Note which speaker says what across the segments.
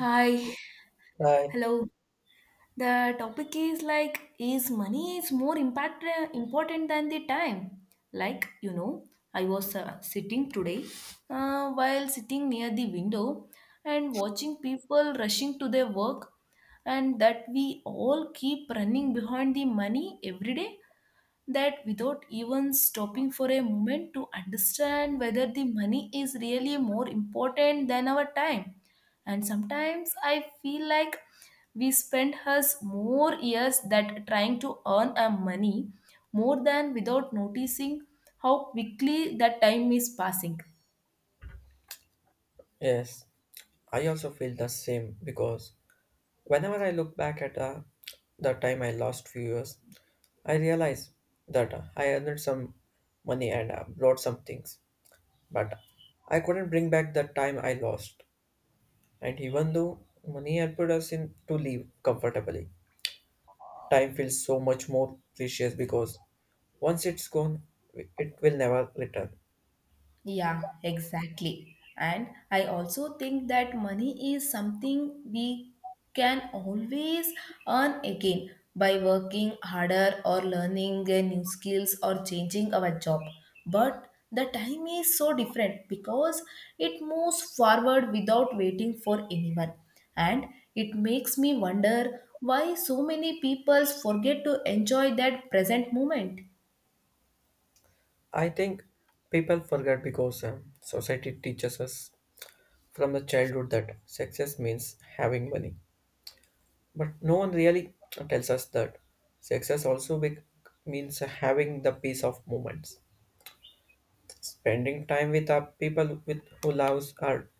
Speaker 1: Hi,
Speaker 2: Hi.
Speaker 1: hello. The topic is like, is money is more impact important than the time? Like, you know, I was sitting today while sitting near the window and watching people rushing to their work, and that we all keep running behind the money every day, that without even stopping for a moment to understand whether the money is really more important than our time and sometimes I feel like we spend us more years that trying to earn our money more than without noticing how quickly that time is passing.
Speaker 2: Yes, I also feel the same because whenever I look back at the time I lost few years, I realize that I earned some money and bought some things, but I couldn't bring back the time I lost. And even though money helped us in to live comfortably, time feels so much more precious because once it's gone, it will never return.
Speaker 1: Yeah, exactly. And I also think that money is something we can always earn again by working harder or learning a new skills or changing our job. But the time is so different because it moves forward without waiting for anyone. And it makes me wonder why so many people forget to enjoy that present moment.
Speaker 2: I think people forget because society teaches us from the childhood that success means having money. But no one really tells us that success also be- means having the peace of moments. Spending time with our people with who loves or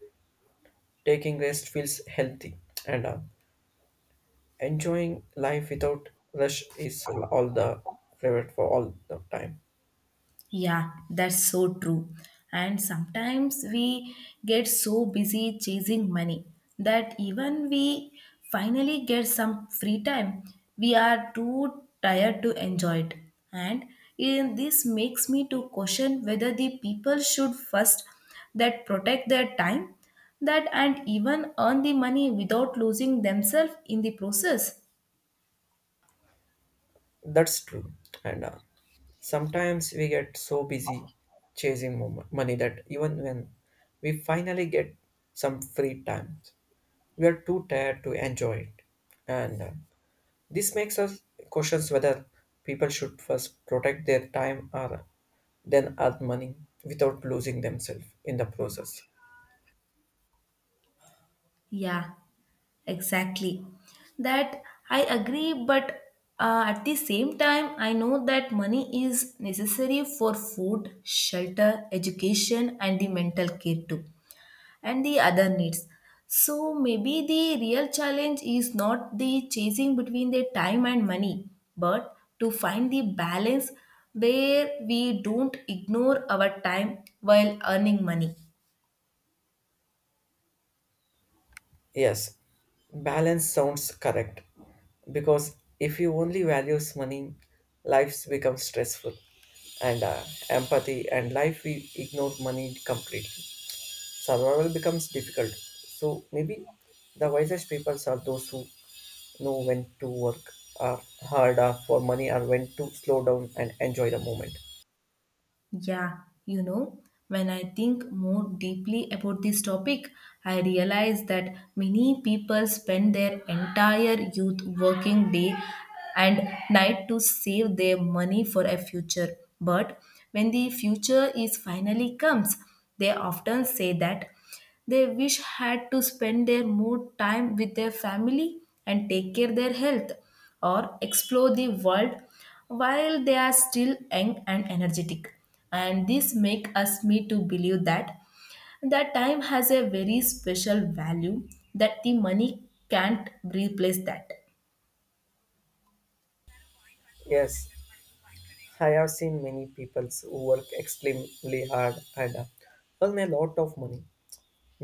Speaker 2: taking rest feels healthy, and enjoying life without rush is all the favorite for all the time.
Speaker 1: Yeah, that's so true. And sometimes we get so busy chasing money that even we finally get some free time, we are too tired to enjoy it. And this makes me to question whether the people should first that protect their time that and even earn the money without losing themselves in the process.
Speaker 2: That's true, and sometimes we get so busy chasing money that even when we finally get some free time we are too tired to enjoy it. And this makes us question whether people should first protect their time or then earn money without losing themselves in the process.
Speaker 1: Yeah. Exactly. That I agree, but at the same time, I know that money is necessary for food, shelter, education, and the mental care too, and the other needs. So maybe the real challenge is not the chasing between the time and money, but to find the balance where we don't ignore our time while earning money.
Speaker 2: Yes, balance sounds correct because if you only values money, lives become stressful and empathy and life we ignore money completely. Survival becomes difficult. So maybe the wisest people are those who know when to work harder for money or when to slow down and enjoy the moment.
Speaker 1: Yeah, you know, when I think more deeply about this topic, I realize that many people spend their entire youth working day and night to save their money for a future. But when the future is finally comes, they often say that they wish had to spend their more time with their family and take care their health or explore the world while they are still young and energetic and this make us me to believe that that time has a very special value that the money can't replace that.
Speaker 2: Yes, I have seen many people who work extremely hard and earn a lot of money,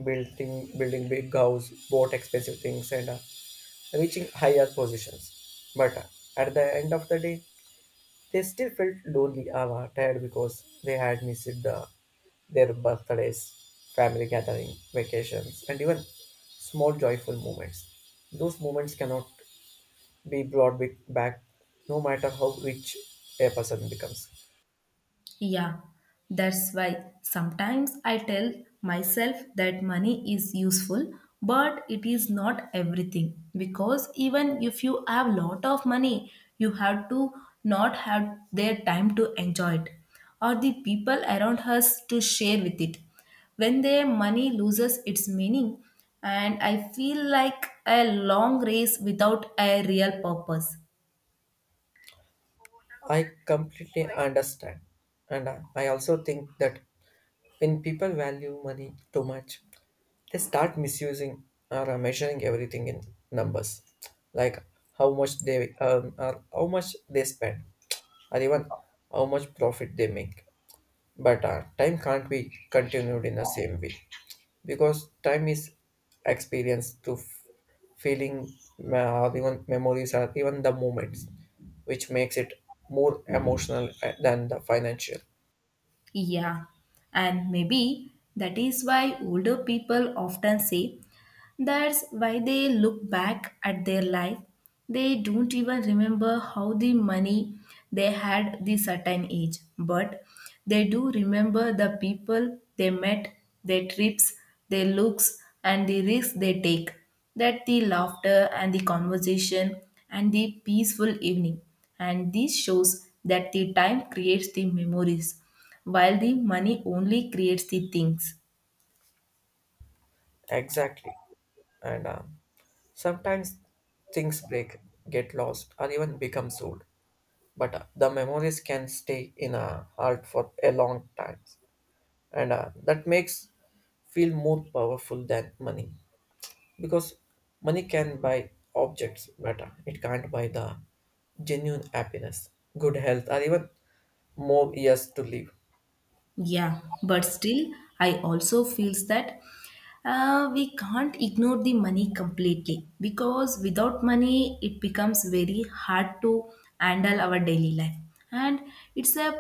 Speaker 2: building big house, bought expensive things, and reaching higher positions. But at the end of the day, they still felt lonely or tired because they had missed the, their birthdays, family gathering, vacations, and even small joyful moments. Those moments cannot be back no matter how rich a person becomes.
Speaker 1: Yeah, that's why sometimes I tell myself that money is useful, but it is not everything. Because even if you have lot of money, you have to not have their time to enjoy it or the people around us to share with it. When their money loses its meaning, and I feel like a long race without a real purpose.
Speaker 2: I completely understand. And I also think that when people value money too much, they start misusing or measuring everything in numbers, like how much they earn or how much they spend, or even how much profit they make. But time can't be continued in the same way because time is experienced to feeling, uh, even memories, or even the moments, which makes it more emotional than the financial.
Speaker 1: Yeah, and maybe that is why older people often say that's why they look back at their life. They don't even remember how the money they had the certain age, but they do remember the people they met, their trips, their looks, and the risks they take. That the laughter and the conversation and the peaceful evening. And this shows that the time creates the memories while the money only creates the things.
Speaker 2: Exactly, and sometimes things break, get lost, or even become old. But the memories can stay in a heart for a long time, and that makes feel more powerful than money because money can buy objects but it can't buy the genuine happiness, good health, or even more years to live.
Speaker 1: Yeah, but still, I also feels that we can't ignore the money completely because without money, it becomes very hard to handle our daily life. And it's a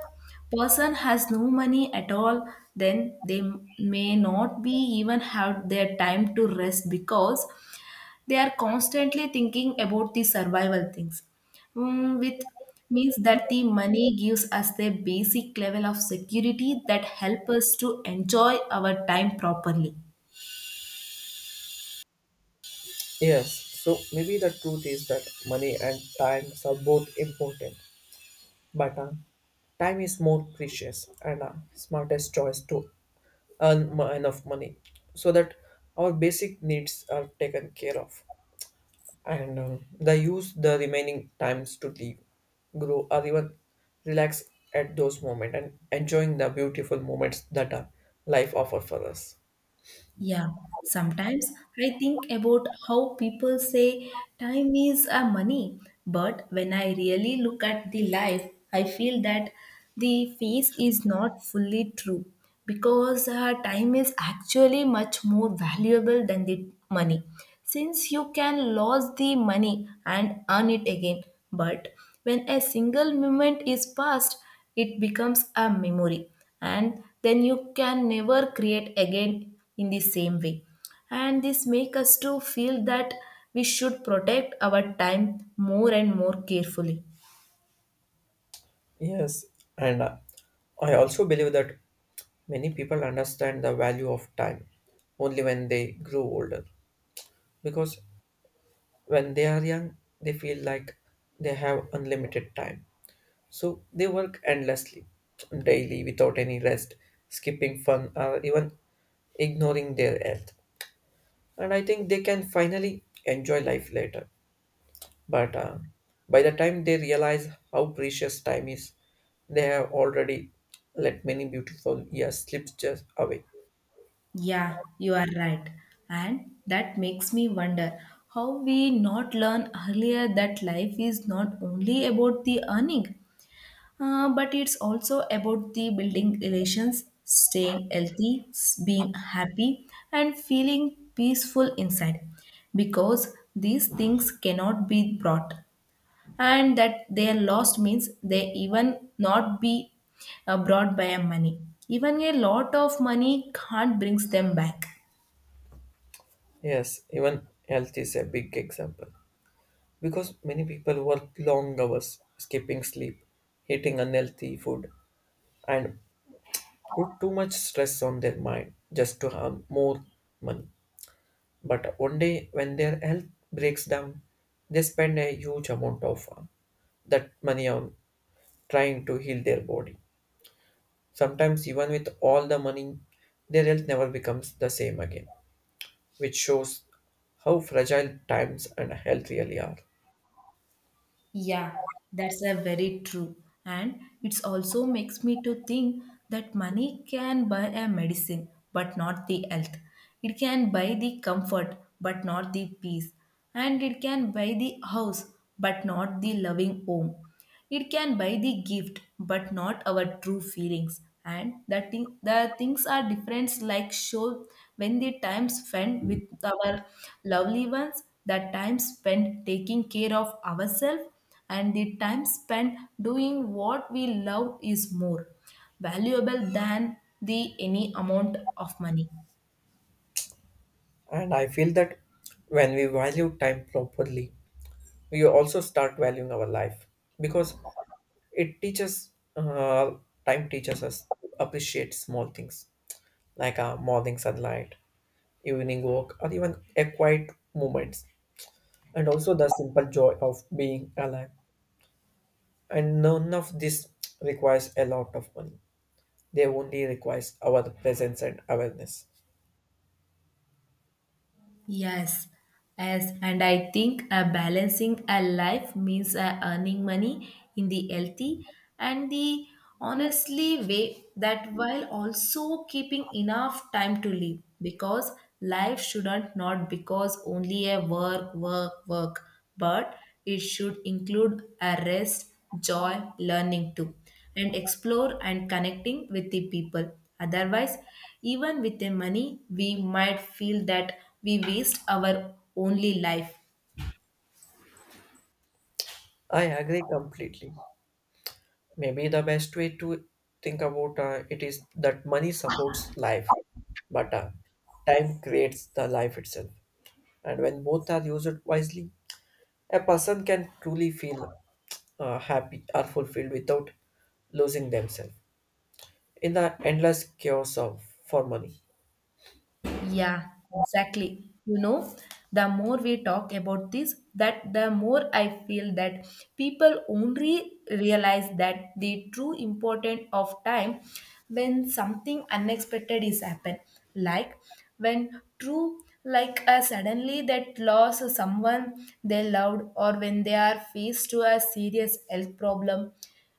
Speaker 1: person has no money at all, then they may not be even have their time to rest because they are constantly thinking about the survival things. With means that the money gives us the basic level of security that help us to enjoy our time properly.
Speaker 2: Yes, so maybe the truth is that money and time are both important, but time is more precious and smartest choice to enough money so that our basic needs are taken care of, and they use the remaining times to leave, grow, or even relax at those moments and enjoying the beautiful moments that life offers for us.
Speaker 1: Yeah, sometimes I think about how people say time is a money, but when I really look at the life, I feel that the phase is not fully true because time is actually much more valuable than the money since you can lose the money and earn it again. But when a single moment is passed, it becomes a memory and then you can never create again in the same way and this make us to feel that we should protect our time more and more carefully.
Speaker 2: Yes, and I also believe that many people understand the value of time only when they grow older because when they are young, they feel like they have unlimited time. So they work endlessly, daily, without any rest, skipping fun, or even ignoring their health, and I think they can finally enjoy life later. But by the time they realize how precious time is, they have already let many beautiful years slip just away.
Speaker 1: Yeah, you are right. And that makes me wonder how we not learn earlier that life is not only about the earning. But it's also about the building relations, staying healthy, being happy, and feeling peaceful inside because these things cannot be brought and that they are lost means they even not be brought by a money even a lot of money can't brings them back.
Speaker 2: Yes, even health is a big example because many people work long hours, skipping sleep, eating unhealthy food, and put too much stress on their mind just to earn more money. But one day, when their health breaks down, they spend a huge amount of that money on trying to heal their body. Sometimes, even with all the money, their health never becomes the same again, which shows how fragile times and health really are.
Speaker 1: Yeah, that's a very true. And it's also makes me to think that money can buy a medicine, but not the health. It can buy the comfort, but not the peace. And it can buy the house, but not the loving home. It can buy the gift, but not our true feelings. And the things are different, like show when the time spent with our lovely ones, the time spent taking care of ourselves, and the time spent doing what we love is more valuable than the any amount of money.
Speaker 2: And I feel that when we value time properly, we also start valuing our life because it teaches, time teaches us to appreciate small things like our morning sunlight, evening walk, or even a quiet moments, and also the simple joy of being alive, and none of this requires a lot of money. They only requires our presence and awareness.
Speaker 1: Yes, as and I think balancing a life means earning money in the healthy and the honestly way that while also keeping enough time to live because life shouldn't not because only a work but it should include a rest joy learning too and explore and connecting with the people. Otherwise, even with the money, we might feel that we waste our only life.
Speaker 2: I agree completely. Maybe the best way to think about it is that money supports life, but time creates the life itself. And when both are used wisely, a person can truly feel happy or fulfilled without losing themselves in the endless chaos of for money.
Speaker 1: Yeah, exactly. You know, the more we talk about this, that the more I feel that people only realize that the true importance of time when something unexpected is happen. Like when true like suddenly that loss of someone they loved or when they are faced to a serious health problem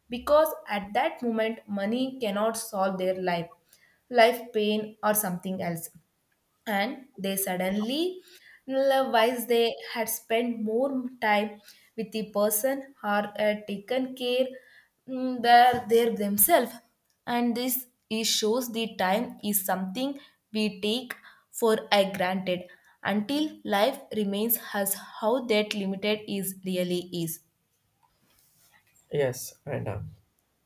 Speaker 1: because at that moment money cannot solve their life pain or something else and they suddenly realize they had spent more time with the person or had taken care their themselves and this it shows the time is something we take for a granted until life remains as how that limited is really is.
Speaker 2: Yes, and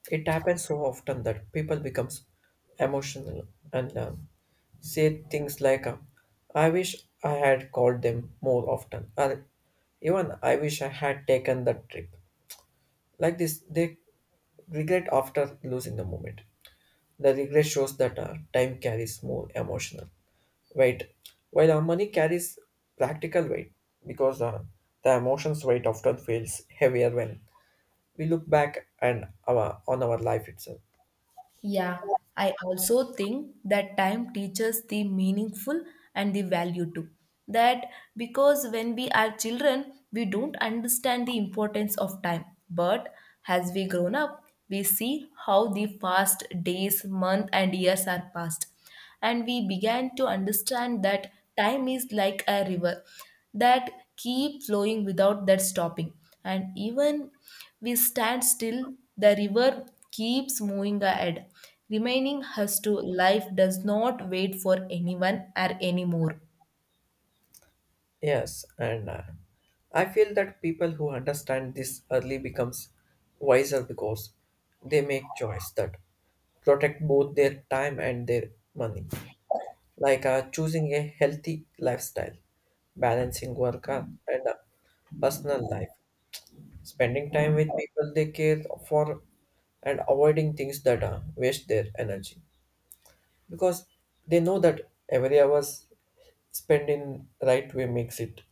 Speaker 2: it happens so often that people becomes emotional and say things like, "I wish I had called them more often," or even "I wish I had taken that trip." Like this, they regret after losing the moment. The regret shows that time carries more emotional weight, while our money carries practical weight because the emotions weight often feels heavier when we look back and our, on our life itself.
Speaker 1: Yeah, I also think that time teaches the meaningful and the value too. That because when we are children, we don't understand the importance of time. But as we grown up, we see how the fast days, months, and years are passed. And we began to understand that time is like a river that keep flowing without that stopping. And even we stand still, the river keeps moving ahead, remaining us to life does not wait for anyone or anymore.
Speaker 2: Yes, and I feel that people who understand this early becomes wiser because they make choice that protect both their time and their money, like choosing a healthy lifestyle, balancing work and personal life, spending time with people they care for, and avoiding things that waste their energy because they know that every hour spent in right way makes it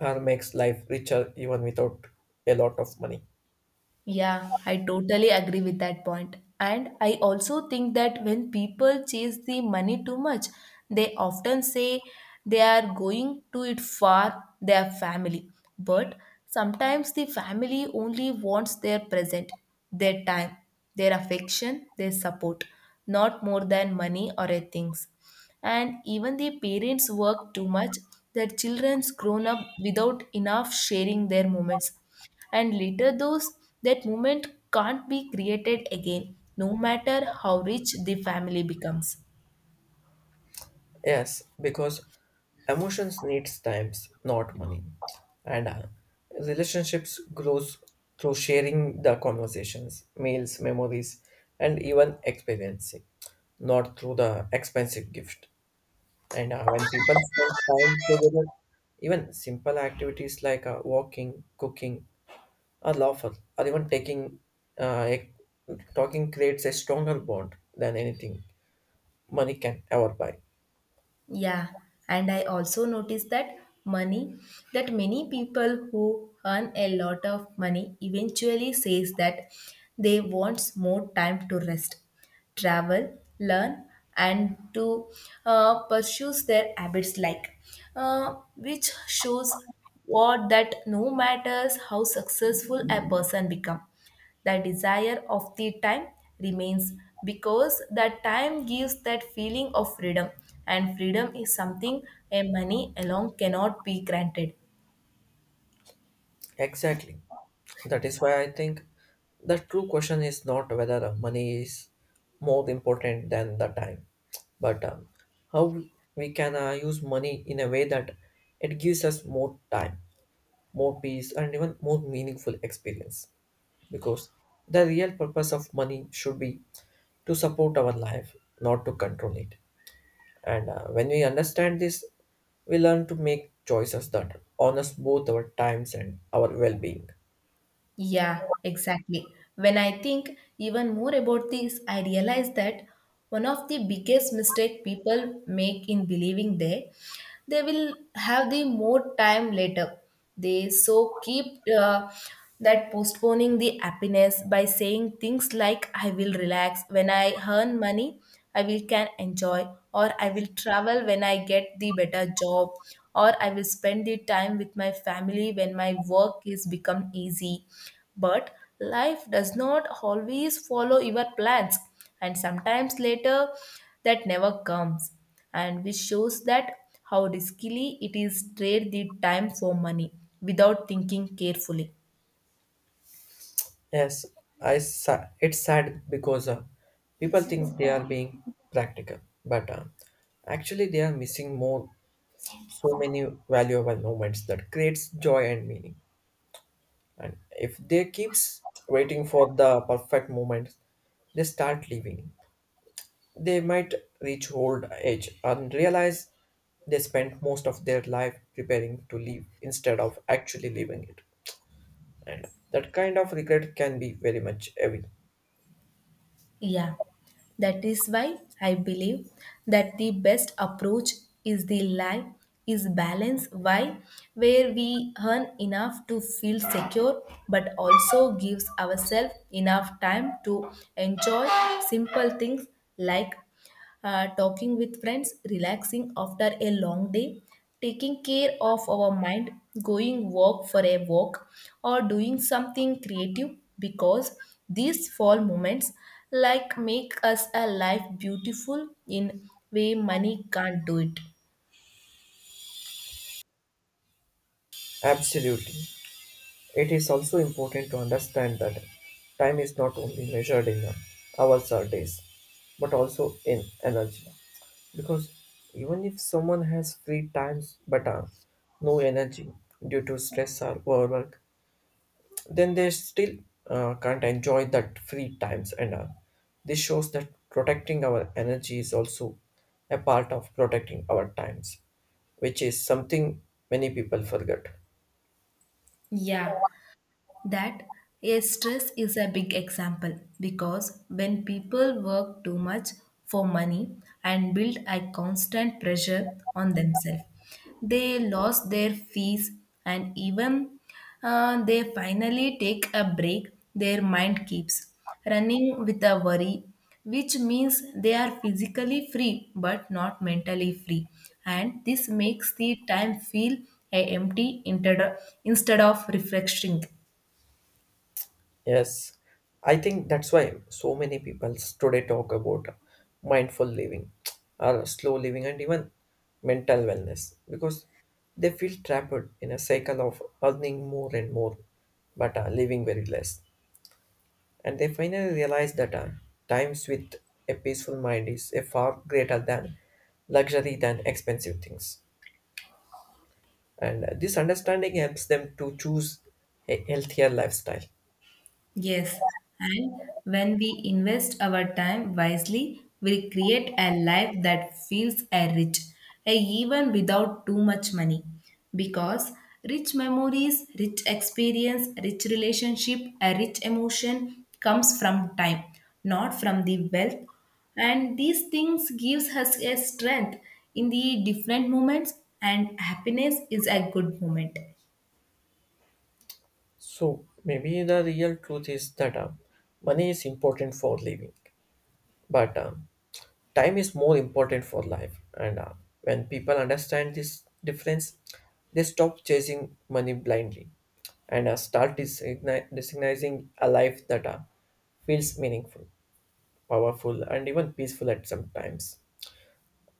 Speaker 2: or makes life richer even without a lot of money.
Speaker 1: Yeah, I totally agree with that point. And I also think that when people chase the money too much, they often say they are going to it for their family. But sometimes the family only wants their present, their time, their affection, their support, not more than money or a things. And even the parents work too much, their children's grown up without enough sharing their moments and later those that moment can't be created again no matter how rich the family becomes.
Speaker 2: Yes, because emotions needs times, not money. And relationships grows through sharing the conversations, meals, memories, and even experiencing, not through the expensive gift. And when people spend time together, even simple activities like walking, cooking, are lawful or even taking uh, a- talking creates a stronger bond than anything money can ever buy.
Speaker 1: Yeah, and I also noticed that money that many people who earn a lot of money eventually says that they want more time to rest, travel, learn, and to pursue their habits like, which shows what that no matters how successful a person become the desire of the time remains because that time gives that feeling of freedom, and freedom is something a money alone cannot be granted.
Speaker 2: Exactly, that is why I think the true question is not whether money is more important than the time, but how we can use money in a way that it gives us more time, more peace, and even more meaningful experience because the real purpose of money should be to support our life, not to control it. And when we understand this, we learn to make choices that honors both our times and our well-being.
Speaker 1: Yeah, exactly. When I think even more about this, I realize that one of the biggest mistake people make in believing they will have the more time later. They so keep that postponing the happiness by saying things like I will relax when I earn money, I will can enjoy or I will travel when I get the better job or I will spend the time with my family when my work is become easy. But life does not always follow your plans, and sometimes later that never comes. And which shows that how riskily it is trade the time for money without thinking carefully.
Speaker 2: Yes, it's sad because people think they are being practical, but actually they are missing more so many valuable moments that creates joy and meaning. And if they keeps waiting for the perfect moment, they start living. They might reach old age and realize they spent most of their life preparing to leave instead of actually living it. And that kind of regret can be very much heavy.
Speaker 1: Yeah, that is why I believe that the best approach is the life is balance why where we earn enough to feel secure but also gives ourselves enough time to enjoy simple things like talking with friends, relaxing after a long day, taking care of our mind, going walk for a walk, or doing something creative because these fall moments like make us a life beautiful in way money can't do it.
Speaker 2: Absolutely. It is also important to understand that time is not only measured in hours or days, but also in energy. Because even if someone has free times but no energy due to stress or overwork, then they still can't enjoy that free times and all. This shows that protecting our energy is also a part of protecting our times, which is something many people forget.
Speaker 1: Yeah, that yes, stress is a big example because when people work too much for money and build a constant pressure on themselves, they lose their fees and even they finally take a break. Their mind keeps running with a worry, which means they are physically free but not mentally free, and this makes the time feel empty instead of refreshing.
Speaker 2: Yes, I think that's why so many people today talk about mindful living or slow living and even mental wellness because they feel trapped in a cycle of earning more and more but living very less, and they finally realize that times with a peaceful mind is a far greater than luxury than expensive things, and this understanding helps them to choose a healthier lifestyle.
Speaker 1: Yes, and when we invest our time wisely, we'll create a life that feels a rich, a even without too much money. Because rich memories, rich experience, rich relationship, a rich emotion comes from time, not from the wealth. And these things gives us a strength in the different moments, and happiness is a good moment.
Speaker 2: So maybe the real truth is that money is important for living, but time is more important for life, and when people understand this difference they stop chasing money blindly and recognizing a life that feels meaningful, powerful, and even peaceful at some times,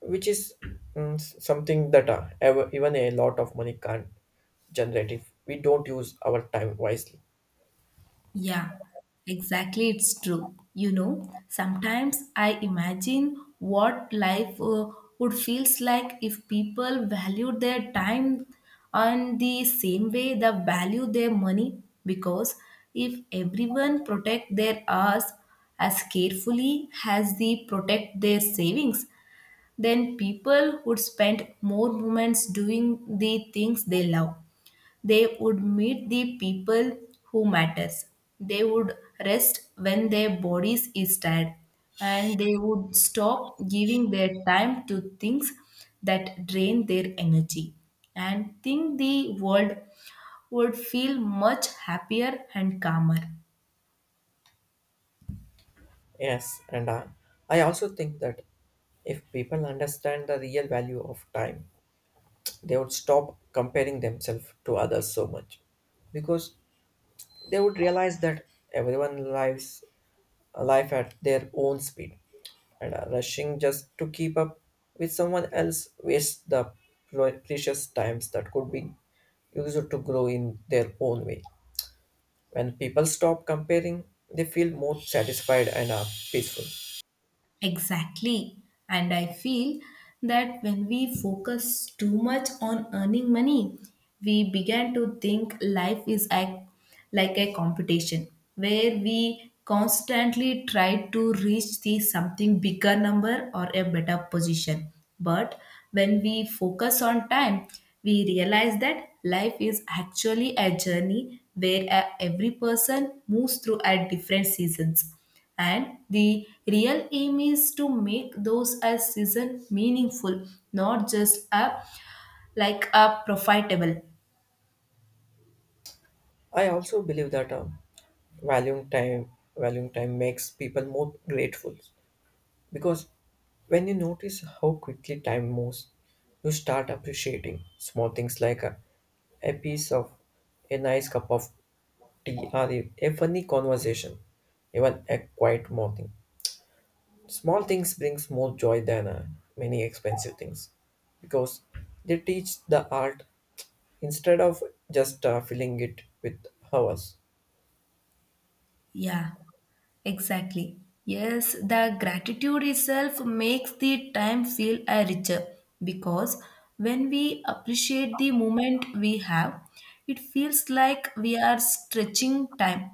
Speaker 2: which is something that even a lot of money can't generate if we don't use our time wisely.
Speaker 1: Yeah, exactly. It's true. You know, sometimes I imagine what life would feels like if people valued their time on the same way they value their money. Because if everyone protect their hours as carefully as they protect their savings, then people would spend more moments doing the things they love, they would meet the people who matters, they would rest when their bodies is tired, and they would stop giving their time to things that drain their energy, and think the world would feel much happier and calmer.
Speaker 2: Yes, and I also think that if people understand the real value of time they would stop comparing themselves to others so much because they would realize that everyone lives a life at their own speed, and rushing just to keep up with someone else wastes the precious times that could be used to grow in their own way. When people stop comparing they feel more satisfied and are peaceful.
Speaker 1: Exactly. And I feel that when we focus too much on earning money, we began to think life is a, like a competition where we constantly try to reach the something bigger number or a better position. But when we focus on time, we realize that life is actually a journey where every person moves through at different seasons, and the real aim is to make those as season meaningful, not just a like a profitable.
Speaker 2: I also believe that valuing time valuing time makes people more grateful, because when you notice how quickly time moves, you start appreciating small things like a piece of a nice cup of tea or a funny conversation, even a quiet morning. Small things brings more joy than many expensive things because they teach the art instead of just filling it with hours.
Speaker 1: Yeah. Exactly. Yes, the gratitude itself makes the time feel richer because when we appreciate the moment we have, it feels like we are stretching time,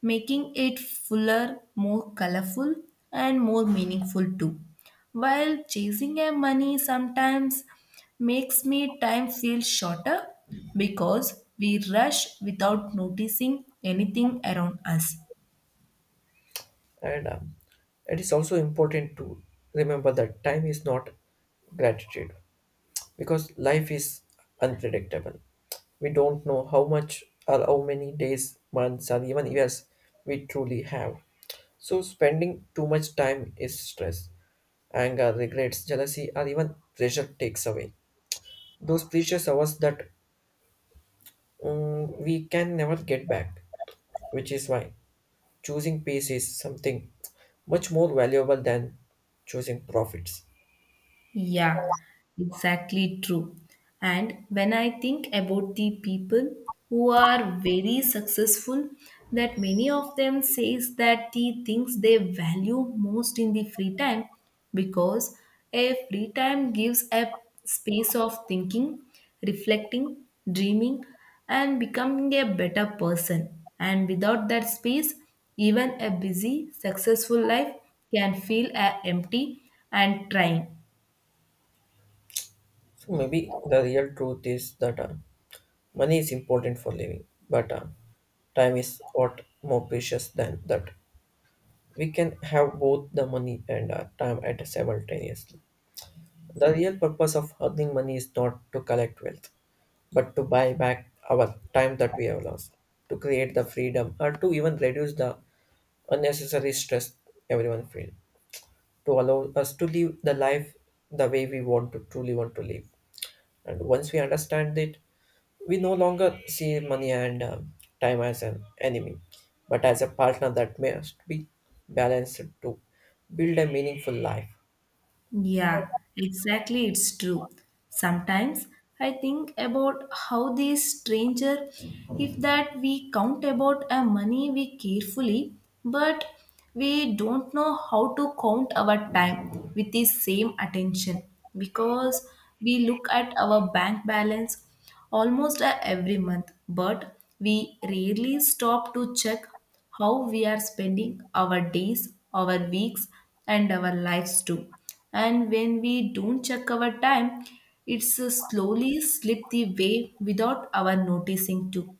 Speaker 1: making it fuller, more colorful, and more meaningful too. While chasing a money sometimes makes me time feel shorter because we rush without noticing anything around us.
Speaker 2: And it is also important to remember that time is not gratitude, because life is unpredictable. We don't know how much or how many days, months, or even years we truly have. So, spending too much time is stress, anger, regrets, jealousy, or even pressure takes away those precious hours that we can never get back, which is why choosing peace is something much more valuable than choosing profits.
Speaker 1: Yeah, exactly true. And when I think about the people who are very successful, that many of them says that the things they value most in the free time because a free time gives a space of thinking, reflecting, dreaming, and becoming a better person. And without that space, even a busy, successful life can feel empty and trying.
Speaker 2: So, maybe the real truth is that money is important for living, but time is what more precious than that. We can have both the money and our time at simultaneously. The real purpose of earning money is not to collect wealth, but to buy back our time that we have lost, to create the freedom, or to even reduce the unnecessary stress everyone feels, to allow us to live the life the way we want to truly want to live. And once we understand it, we no longer see money and time as an enemy, but as a partner that must be balanced to build a meaningful life.
Speaker 1: Yeah, exactly. It's true. Sometimes I think about how this stranger, if that we count about our money we carefully, but we don't know how to count our time with the same attention because we look at our bank balance almost every month, but we rarely stop to check how we are spending our days, our weeks, and our lives too. And when we don't check our time, it's slowly slip the way without our noticing too.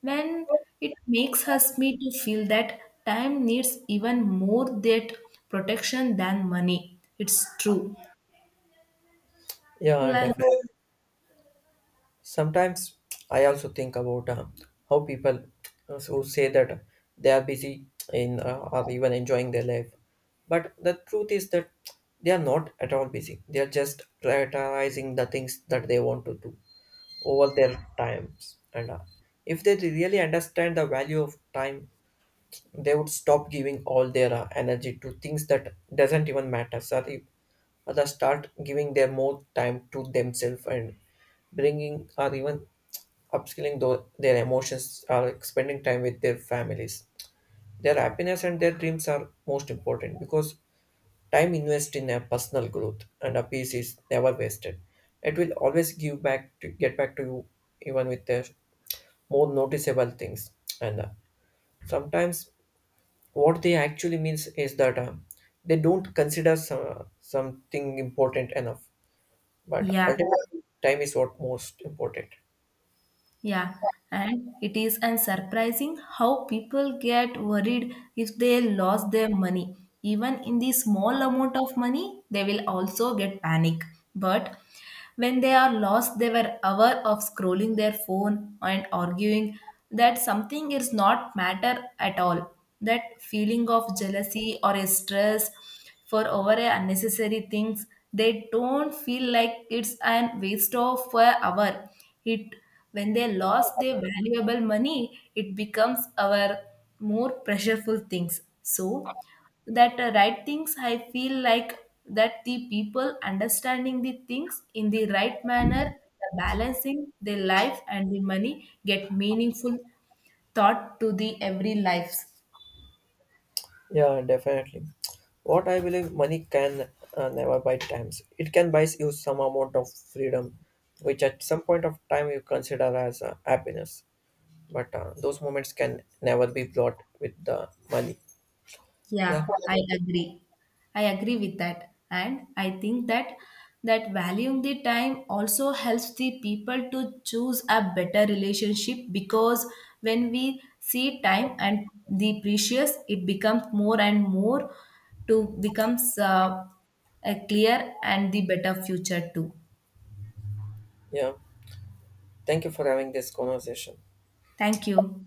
Speaker 1: When it makes us me to feel that time needs even more that protection than money. It's true.
Speaker 2: Yeah,
Speaker 1: Like,
Speaker 2: definitely. Sometimes I also think about how people who say that they are busy in or even enjoying their life, but the truth is that they are not at all busy. They are just prioritizing the things that they want to do over their times, and if they really understand the value of time they would stop giving all their energy to things that doesn't even matter, so they start giving their more time to themselves and bringing or even their emotions or like, spending time with their families. Their happiness and their dreams are most important because time invested in a personal growth and a peace is never wasted. It will always give back to get back to you even with the more noticeable things, and sometimes what they actually means is that they don't consider some, something important enough, but
Speaker 1: yeah.
Speaker 2: ultimately time is what most important.
Speaker 1: Yeah, and it is and surprising how people get worried if they lost their money. Even in the small amount of money, they will also get panic. But when they are lost, they were hour of scrolling their phone and arguing that something is not matter at all. That feeling of jealousy or stress for over a unnecessary things, they don't feel like it's an waste of a hour. It, when they lost their valuable money, it becomes our more pressureful things. So that right things I feel like that the people understanding the things in the right manner, the balancing their life and the money get meaningful thought to the every lives.
Speaker 2: Yeah, definitely. What I believe money can never buy times. It can buy you some amount of freedom which at some point of time you consider as happiness, but those moments can never be bought with the money. Yeah.
Speaker 1: Yeah, I agree. I agree with that. And I think that that valuing the time also helps the people to choose a better relationship because when we see time and the precious, it becomes more and more to becomes a clear and the better future too.
Speaker 2: Yeah, thank you for having this conversation.
Speaker 1: Thank you.